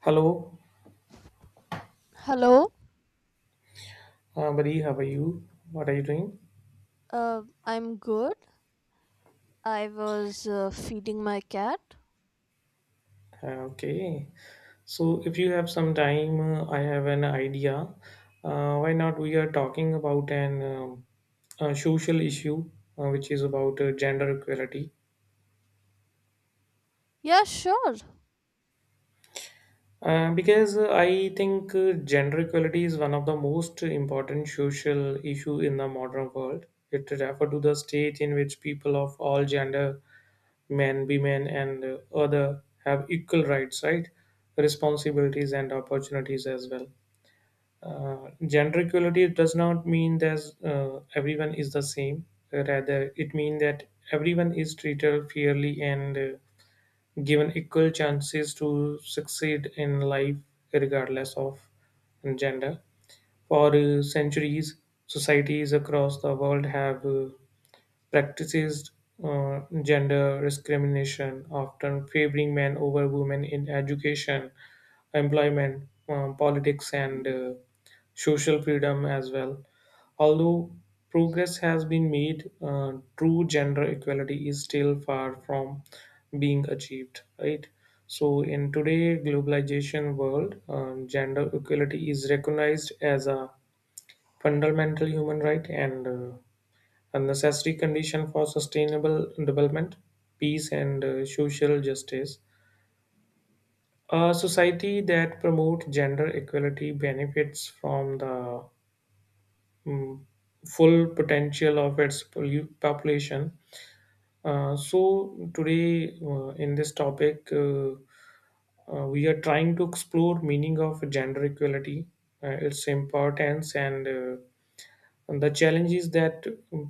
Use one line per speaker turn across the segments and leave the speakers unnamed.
Hello,
Hello.
buddy. How are you? What are you doing?
I'm good. I was feeding my cat.
Okay. So, if you have some time, I have an idea. Why not? We are talking about an a social issue, which is about gender equality.
Yeah, sure.
Because I think gender equality is one of the most important social issue in the modern world. It refers to the state in which people of all gender men, women, and other have equal rights, right, responsibilities, and opportunities as well. Gender equality does not mean that everyone is the same. Rather, it means that everyone is treated fairly and given equal chances to succeed in life, regardless of gender. For centuries, societies across the world have practices gender discrimination, often favoring men over women in education, employment, politics, and social freedom as well. Although progress has been made, true gender equality is still far from being achieved, right? So, in today globalization world, gender equality is recognized as a fundamental human right and uh, a necessary condition for sustainable development, peace, and social justice. A society that promotes gender equality benefits from the mm, full potential of its population. So today, in this topic, we are trying to explore meaning of gender equality, its importance, and the challenges that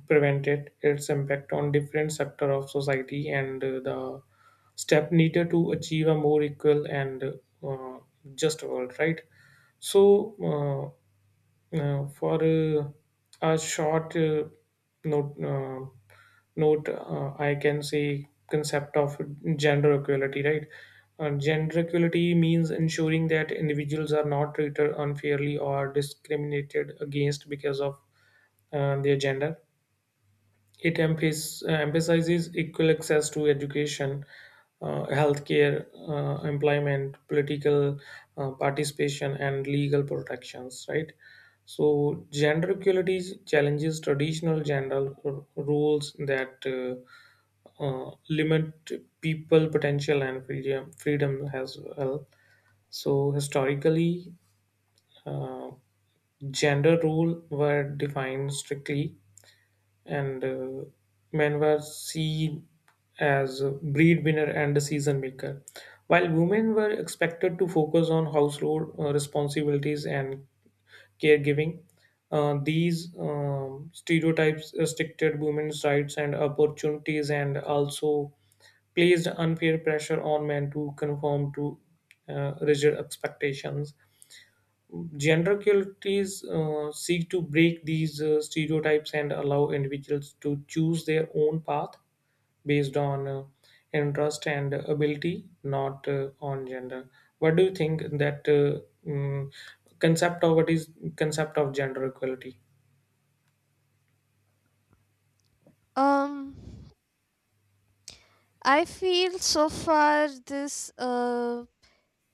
prevented its impact on different sector of society and the step needed to achieve a more equal and uh, just world, right? so uh, Now, for a short note, I can say concept of gender equality, right? Gender equality means ensuring that individuals are not treated unfairly or discriminated against because of their gender. It emphasizes equal access to education, healthcare, employment, political participation, and legal protections, right? So, gender equality challenges traditional gender roles that limit people potential and freedom as well. So, historically, uh, gender role were defined strictly and men were seen as a breed winner and a season maker, while women were expected to focus on household responsibilities and caregiving. These stereotypes restricted women's rights and opportunities and also placed unfair pressure on men to conform to rigid expectations. Gender equalities seek to break these stereotypes and allow individuals to choose their own path based on interest and ability, not on gender. What do you think that mm, concept of what is concept of gender equality?
Um, I feel so far this uh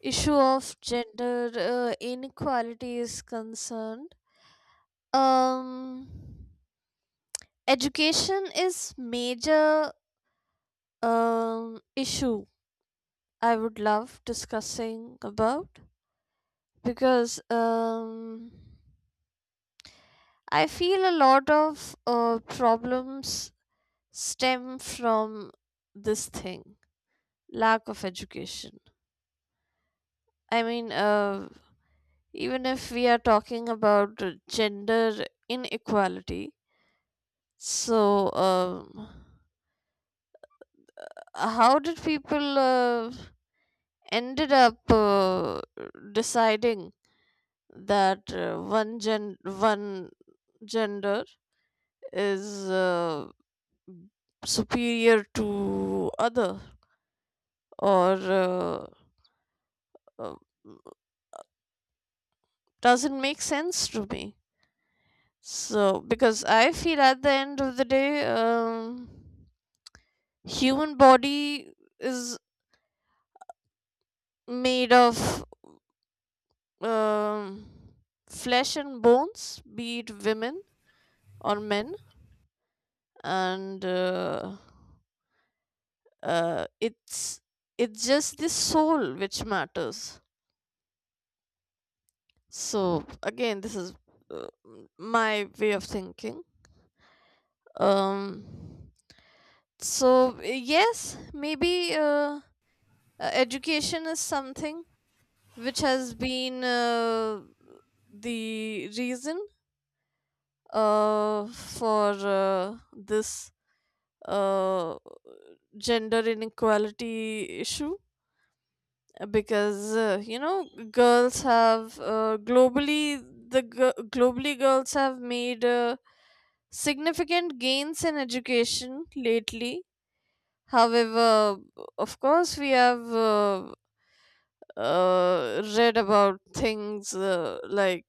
issue of gender inequality is concerned. Um, Education is major um issue I would love discussing about, because um I feel a lot of problems stem from this thing, lack of education. I mean, even if we are talking about gender inequality, so how did people ended up deciding that one gender is superior to other, or uh, doesn't make sense to me. So, because I feel at the end of the day, human body is made of um, flesh and bones, be it women or men, and uh, it's it's just the soul which matters. So again, this is uh, my way of thinking. Um, so, yes, maybe uh, education is something which has been the reason for this uh, gender inequality issue, because girls have globally girls have made significant gains in education lately. However, of course we have read about things like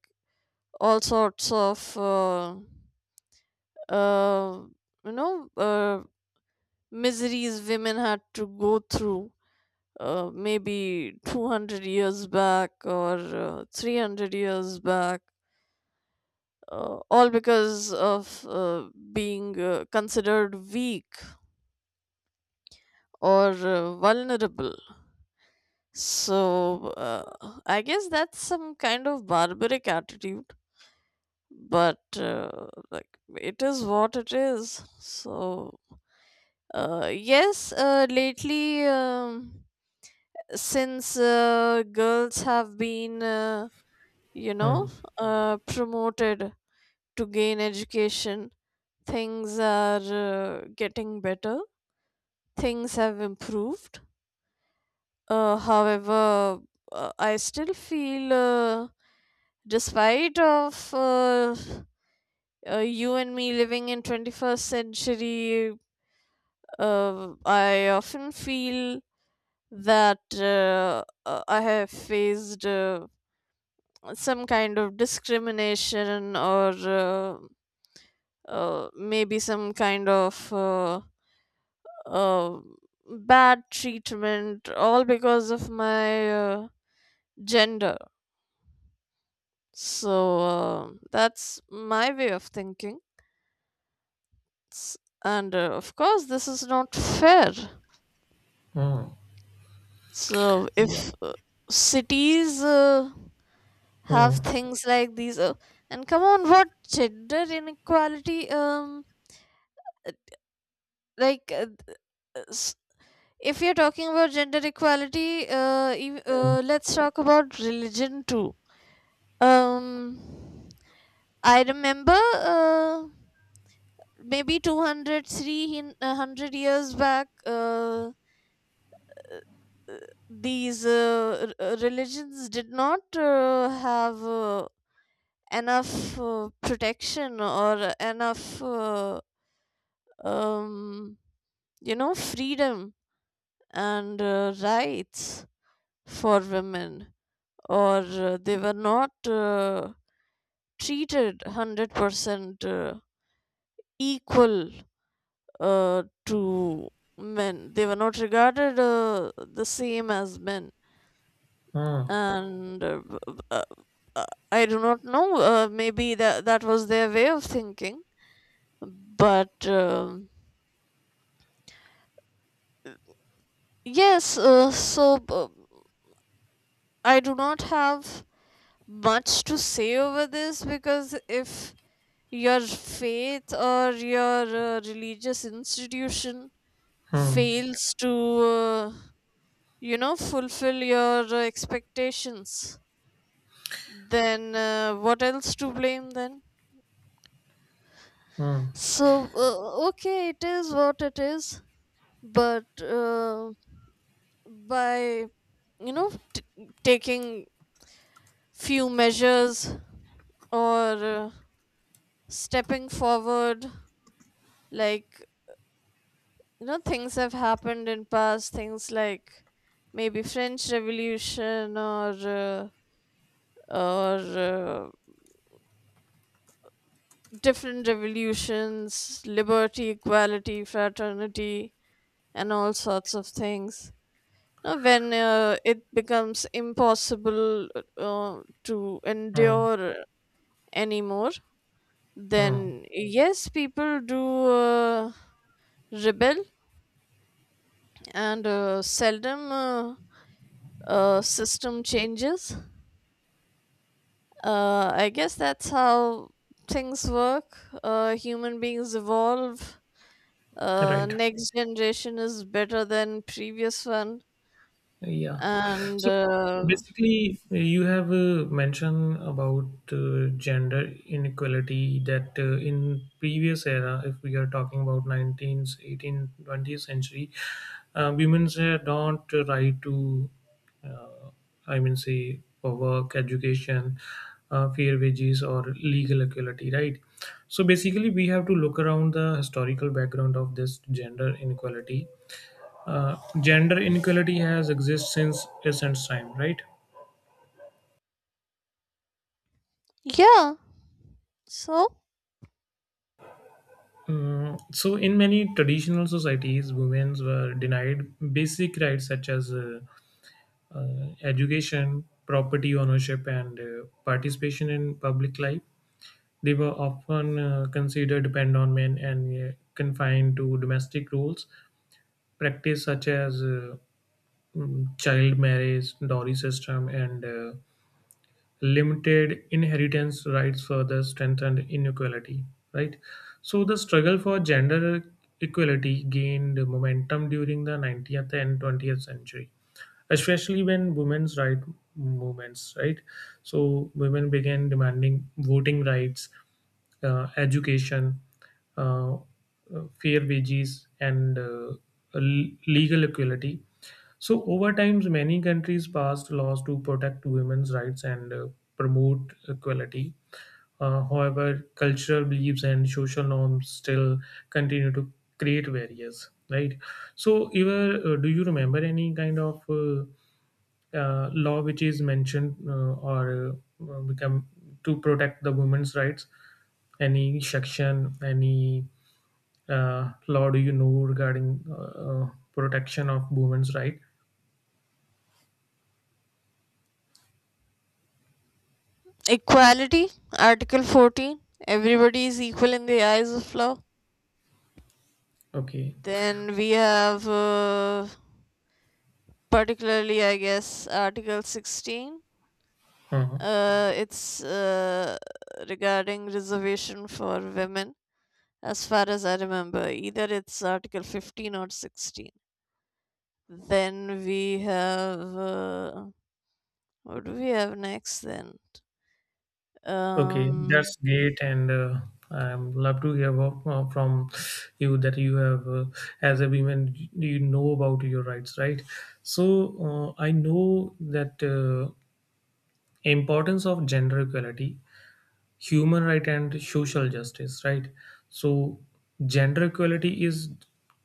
all sorts of uh, you know uh, miseries women had to go through, maybe 200 years back or 300 years back, all because of being considered weak or vulnerable. So I guess that's some kind of barbaric attitude, but like, it is what it is. So, yes, lately, since girls have been, you know,
Hmm.
promoted to gain education, things are getting better. Things have improved. However, I still feel, despite of you and me living in 21st century, I often feel that I have faced some kind of discrimination, or maybe some kind of uh, bad treatment, all because of my gender. So that's my way of thinking. S- And of course, this is not fair.
Hmm.
So if cities have
Hmm.
things like these, and come on, what gender inequality? Like uh, s- if you're talking about gender equality,
Hmm.
let's talk about religion too. um I remember maybe 200, 300 years back, these religions did not have enough protection, or enough um, freedom and rights for women, or they were not treated 100% equal to men. They were not regarded the same as men.
Hmm.
And uh, I do not know. Maybe that was their way of thinking. But yes, I do not have much to say over this, because if your faith or your religious institution
Hmm.
fails to, uh, fulfill your expectations, then what else to blame then?
Hmm.
So okay, it is what it is. But by you know t- taking few measures, or stepping forward, like you know things have happened in past, things like maybe French Revolution, or uh, or uh, different revolutions, liberty, equality, fraternity, and all sorts of things. Now, when it becomes impossible uh, to
Hmm.
endure anymore,
Hmm.
then yes, people do uh, rebel, and seldom system changes. I guess that's how things work. Human beings evolve.
Right.
Next generation is better than previous one,
Yeah.
and
So basically, you have mentioned about gender inequality that in previous era, if we are talking about 19th, 18th, 20th century, women had not a right to, uh, I mean, say, for work, education, fair wages, or legal equality, right? So basically, we have to look around the historical background of this gender inequality. Gender inequality has existed since ancient time, right?
yeah. So
So, in many traditional societies, women were denied basic rights such as education, property ownership, and participation in public life. They were often considered dependent on men and confined to domestic roles. Practice such as child marriage, dowry system, and limited inheritance rights further strengthened inequality, right? So the struggle for gender equality gained momentum during the 19th and 20th century, especially when women's right movements, right? So women began demanding voting rights, education, uh, fair wages, and legal equality. So over times, many countries passed laws to protect women's rights and promote equality. However, cultural beliefs and social norms still continue to create barriers, right? So, Eva, do you remember any kind of law which is mentioned, or become to protect the women's rights, any section, any law do you know regarding protection of women's right?
equality, Article 14. Everybody is equal in the eyes of law.
Okay.
Then we have, particularly, I guess, Article 16.
uh huh.
It's regarding reservation for women, as far as I remember. Either it's Article 15 or 16. Then we have. What do we have next then?
Okay, that's
Um,
great, and I'm love to hear about, from you that you have as a woman, you know about your rights, right? So, I know that importance of gender equality, human right and social justice, right? So gender equality is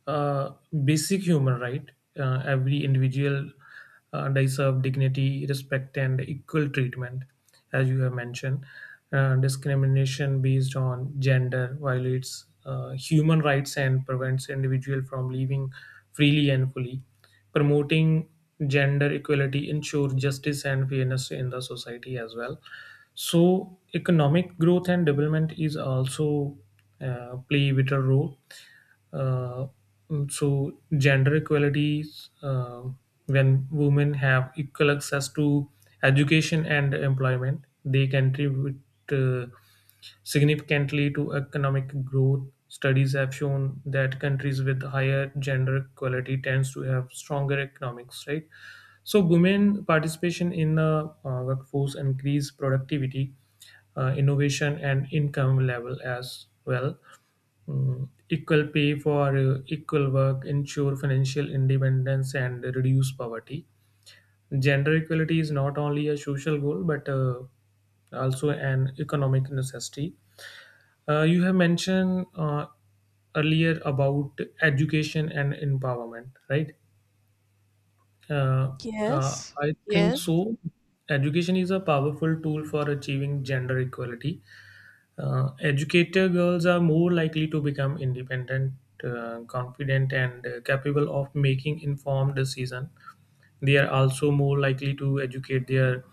a basic human right. Every individual deserve dignity, respect and equal treatment. As you have mentioned, discrimination based on gender violates human rights and prevents individual from living freely and fully. Promoting gender equality ensure justice and fairness in the society as well. So economic growth and development is also play vital role. uh, so gender equality, uh, when women have equal access to education and employment, they contribute uh, significantly to economic growth. Studies have shown that countries with higher gender equality tends to have stronger economics, right? So women participation in the workforce increase productivity, innovation, and income level as well. Equal pay for equal work ensure financial independence and reduce poverty. Gender equality is not only a social goal but also an economic necessity. You have mentioned earlier about education and empowerment, right? Uh,
yes,
I think
yes.
so. Education is a powerful tool for achieving gender equality. Educated girls are more likely to become independent, confident, and capable of making informed decisions. They are also more likely to educate their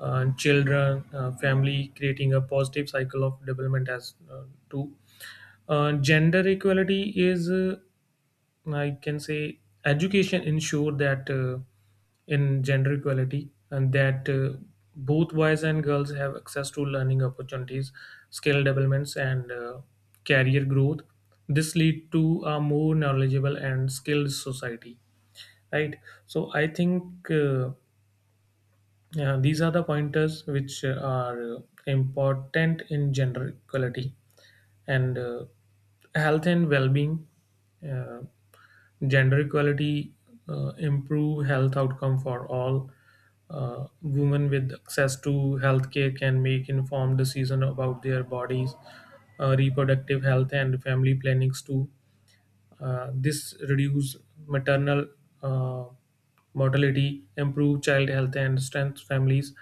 children, family, creating a positive cycle of development as too. Gender equality is, I can say, education ensure that in gender equality and that both boys and girls have access to learning opportunities, skill developments, and career growth. This lead to a more knowledgeable and skilled society, right? So I think. Yeah, these are the pointers which are important in gender equality and health and well-being. Uh, Gender equality improve health outcome for all. Women with access to healthcare can make informed decision about their bodies, reproductive health, and family plannings too. This reduce maternal uh, mortality, improve child health, and strength families.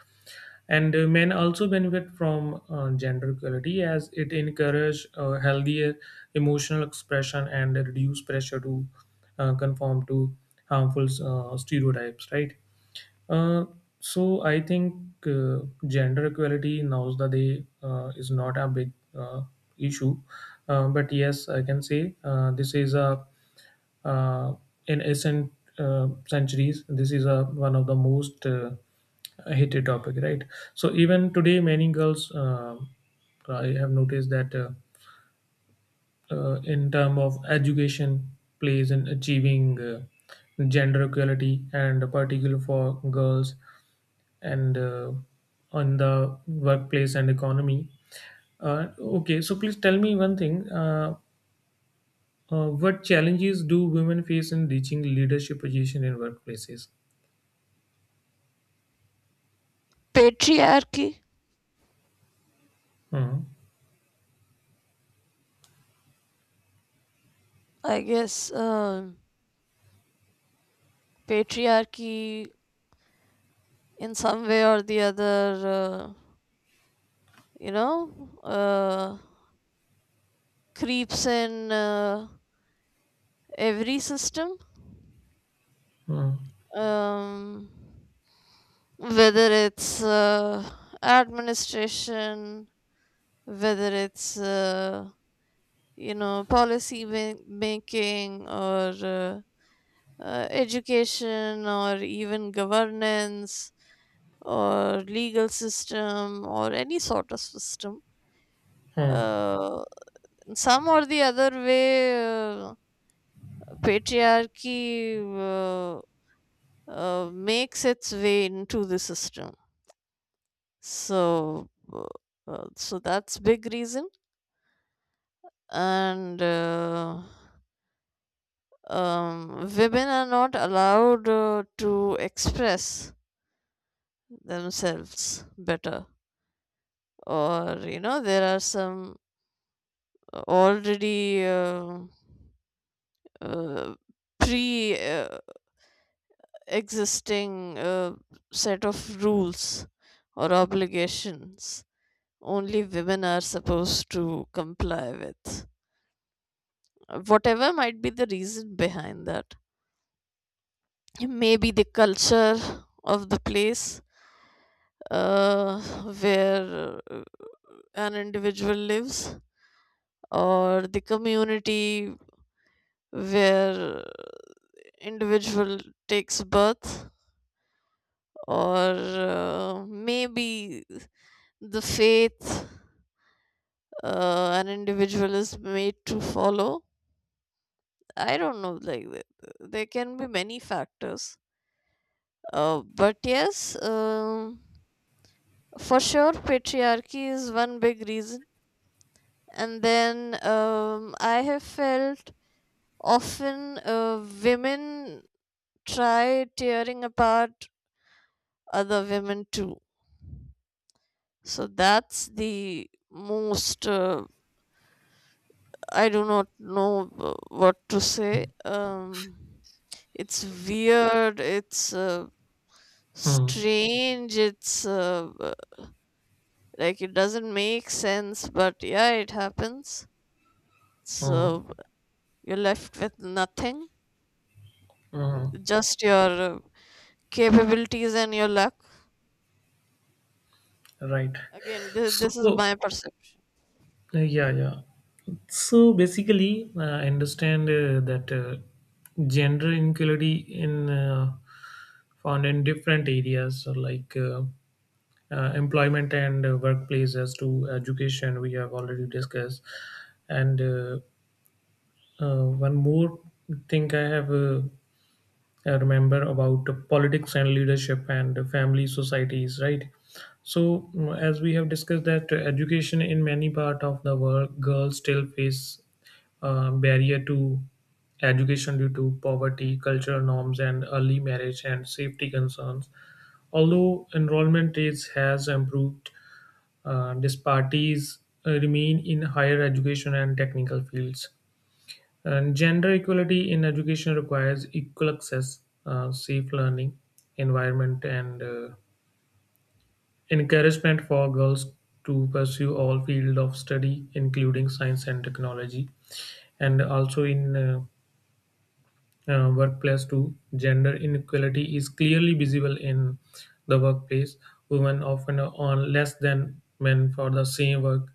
And men also benefit from gender equality as it encourages healthier emotional expression and reduce pressure to conform to harmful stereotypes. Right. Uh, so I think uh, gender equality nowadays is not a big issue, but yes, I can say this is a, uh, in recent centuries, this is a one of the most heated topic, right? So even today, many girls I have noticed that. In term of education plays in achieving gender equality and particular for girls and on the workplace and economy. Okay, so please tell me one thing, what challenges do women face in reaching leadership position in workplaces?
Patriarchy.
Hmm.
I guess patriarchy, in some way or the other, you know, uh, creeps in every system,
Hmm.
um, whether it's administration, whether it's policy making, or education, or even governance, or legal system, or any sort of system.
Hmm.
Uh, in some or the other way, patriarchy makes its way into the system. So that's big reason. And women are not allowed to express themselves better, or you know there are some already uh, pre existing set of rules or obligations only women are supposed to comply with. Whatever might be the reason behind that, maybe the culture of the place uh, where an individual lives, or the community where individual takes birth, or maybe the faith an individual is made to follow. I don't know, like, there can be many factors, but yes, for sure patriarchy is one big reason. And then, I have felt often women try tearing apart other women too. So that's the most, I do not know what to say. It's weird. It's
Hmm.
strange. It's like, it doesn't make sense, but yeah, it happens.
Hmm.
So you're left with nothing,
Hmm.
just your capabilities and your luck.
Right.
Again, this is
So,
my perception.
yeah, yeah. So basically, I understand that gender inequality in found in different areas, so like employment and workplace, as to education, we have already discussed. And one more thing I have. I remember about politics and leadership and family societies, right? So, as we have discussed, that education in many part of the world, girls still face barrier to education due to poverty, cultural norms, and early marriage and safety concerns. Although enrollment rates has improved, disparities remain in higher education and technical fields. And gender equality in education requires equal access, safe learning environment, and encouragement for girls to pursue all fields of study, including science and technology. And also in workplace too, gender inequality is clearly visible in the workplace. Women often earn less than men for the same work,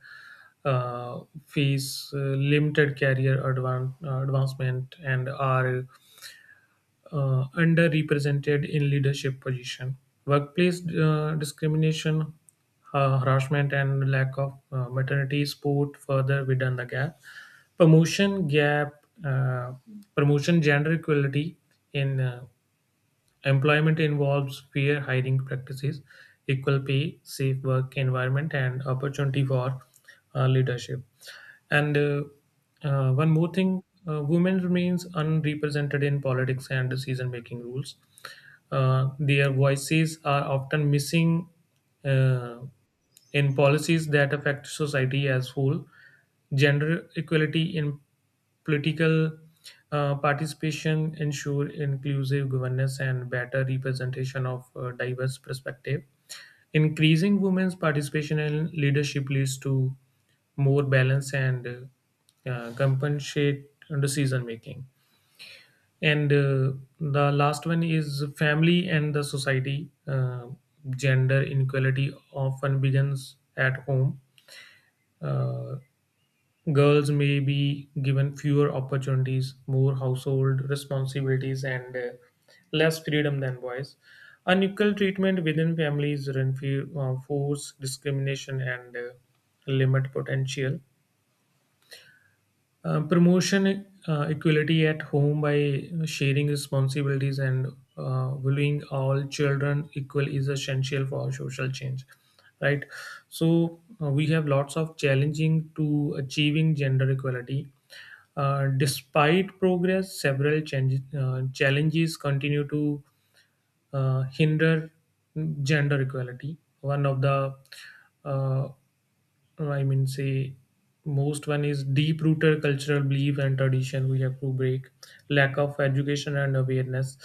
uh, face limited career advancement, and are underrepresented in leadership position. Workplace discrimination, harassment, and lack of maternity support further widen the gap. Promotion gap, promotion gender equality in employment involves fair hiring practices, equal pay, safe work environment, and opportunity for leadership. And one more thing, women remains unrepresented in politics and decision making rules. Their voices are often missing. Uh, in policies that affect society as whole, gender equality in political participation ensure inclusive governance and better representation of diverse perspective. Increasing women's participation in leadership leads to more balance and compensate decision making. And the last one is family and the society. Gender inequality often begins at home. Uh, Girls may be given fewer opportunities, more household responsibilities, and less freedom than boys. Unequal treatment within families reinforce discrimination and limit potential. Promotion equality at home by sharing responsibilities and valuing all children equal is essential for social change, right? So we have lots of challenging to achieving gender equality. Despite progress, several change, challenges continue to hinder gender equality. One of the uh, I mean, say most one is deep rooted cultural belief and tradition we have to break, lack of education and awareness,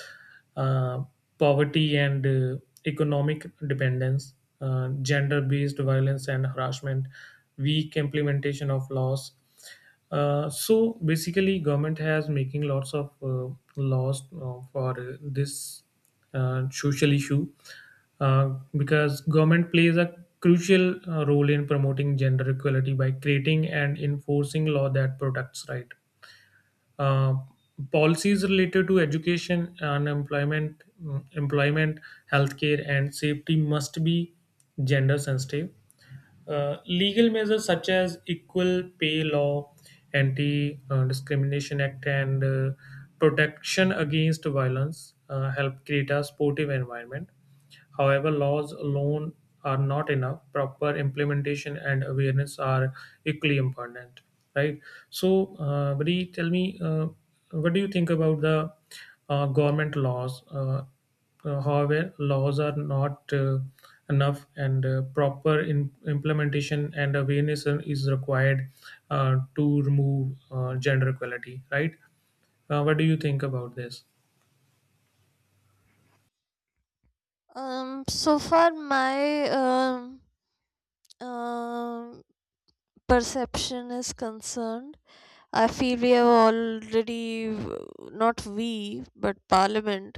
uh, poverty and economic dependence, gender based violence and harassment, weak implementation of laws. So basically, government has making lots of laws for this social issue, uh, because government plays a crucial role in promoting gender equality by creating and enforcing law that protects right. Uh, Policies related to education, unemployment, employment, healthcare, and safety must be gender sensitive. Legal measures such as equal pay law, anti discrimination act, and protection against violence help create a sportive environment. However, laws alone are not enough. Proper implementation and awareness are equally important, right? So, Bri, tell me, what do you think about the government laws? However, laws are not enough, and proper implementation and awareness is required to remove gender equality, right? What do you think about this?
So far my um perception is concerned, I feel we have already, not we but parliament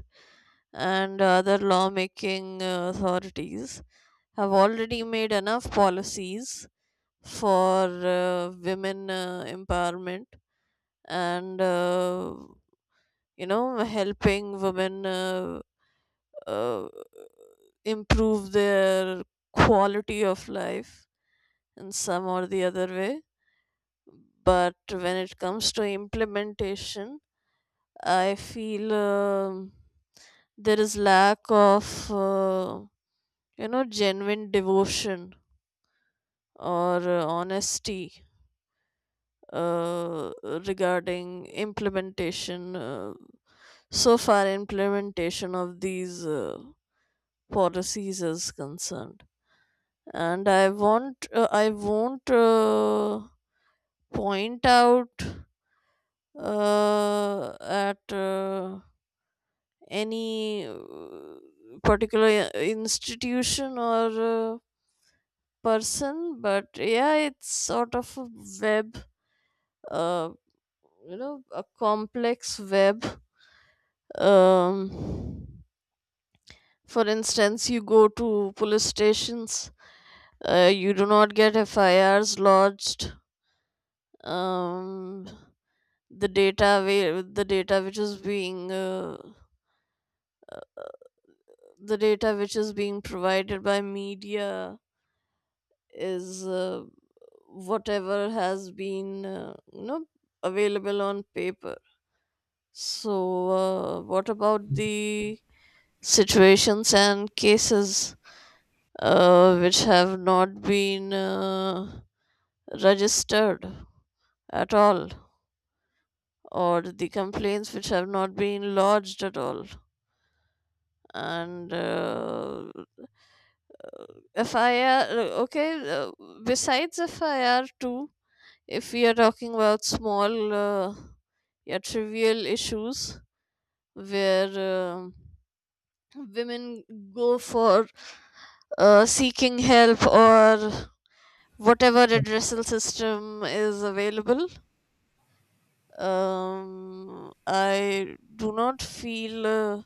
and other lawmaking authorities, have already made enough policies for women empowerment, and helping women uh, improve their quality of life in some or the other way. But when it comes to implementation, I feel there is lack of genuine devotion or honesty uh, regarding implementation, so far implementation of these policies is concerned. And I won't point out at any particular institution or person, but yeah, it's sort of a web, uh a complex web. um for instance, you go to police stations, you do not get FIRs lodged. um the data wa- the data which is being uh, the data which is being provided by media is whatever has been available on paper. So, what about the situations and cases which have not been registered at all, or the complaints which have not been lodged at all? And FIR, okay, besides FIR too, if we are talking about small, yeah, trivial issues where women go for seeking help or whatever redressal system is available. I do not feel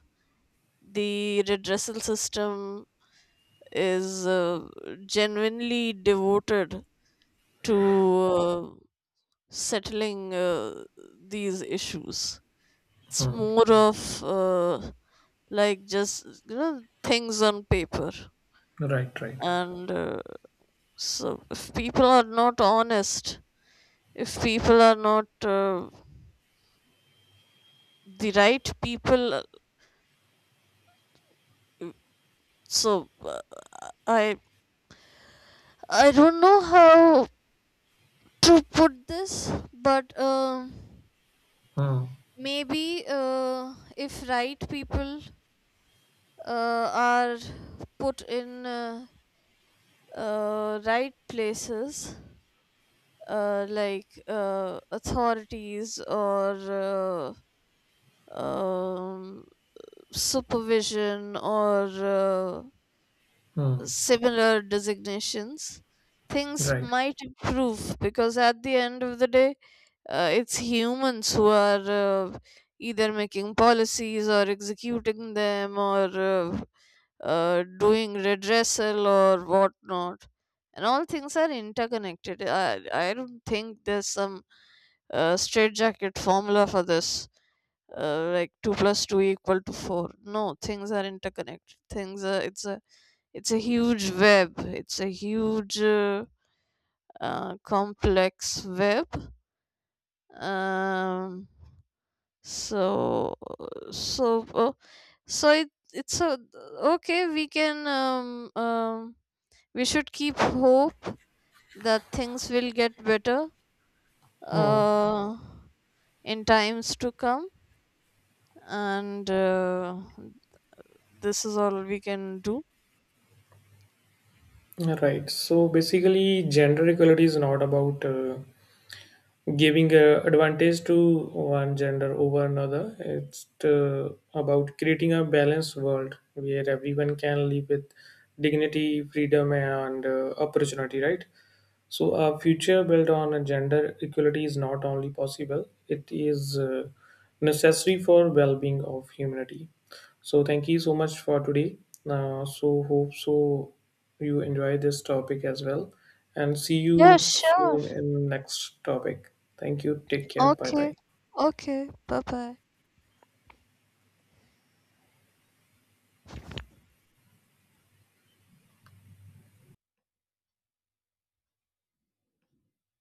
the redressal system is genuinely devoted to settling these issues. It's
Hmm.
more of like, just you know, things on paper.
Right, right.
And so, if people are not honest, if people are not the right people, uh, so uh, I I don't know how to put this, but
Hmm.
maybe if right people are put in right places, like authorities, or uh, um, supervision, or
Hmm.
similar designations, things
Right.
might improve, because at the end of the day, it's humans who are uh, either making policies or executing them, or doing redressal or whatnot. And all things are interconnected. I don't think there's some straitjacket formula for this, like 2 plus 2 equal to 4. No, things are interconnected, things are, it's a, huge web. It's a huge complex web. Um so so uh, so it, it's a okay, we should keep hope that things will get better,
Oh,
uh in times to come. And this is all we can do.
right. So basically, gender equality is not about giving a advantage to one gender over another. It's about creating a balanced world where everyone can live with dignity, freedom, and opportunity. Right? So, a future built on a gender equality is not only possible, it is necessary for well-being of humanity. So, thank you so much for today. So, hope so you enjoy this topic as well, and see
Yeah,
you
sure.
soon in next topic. Thank you. Take care. Bye
Okay.
bye.
Okay. Bye bye.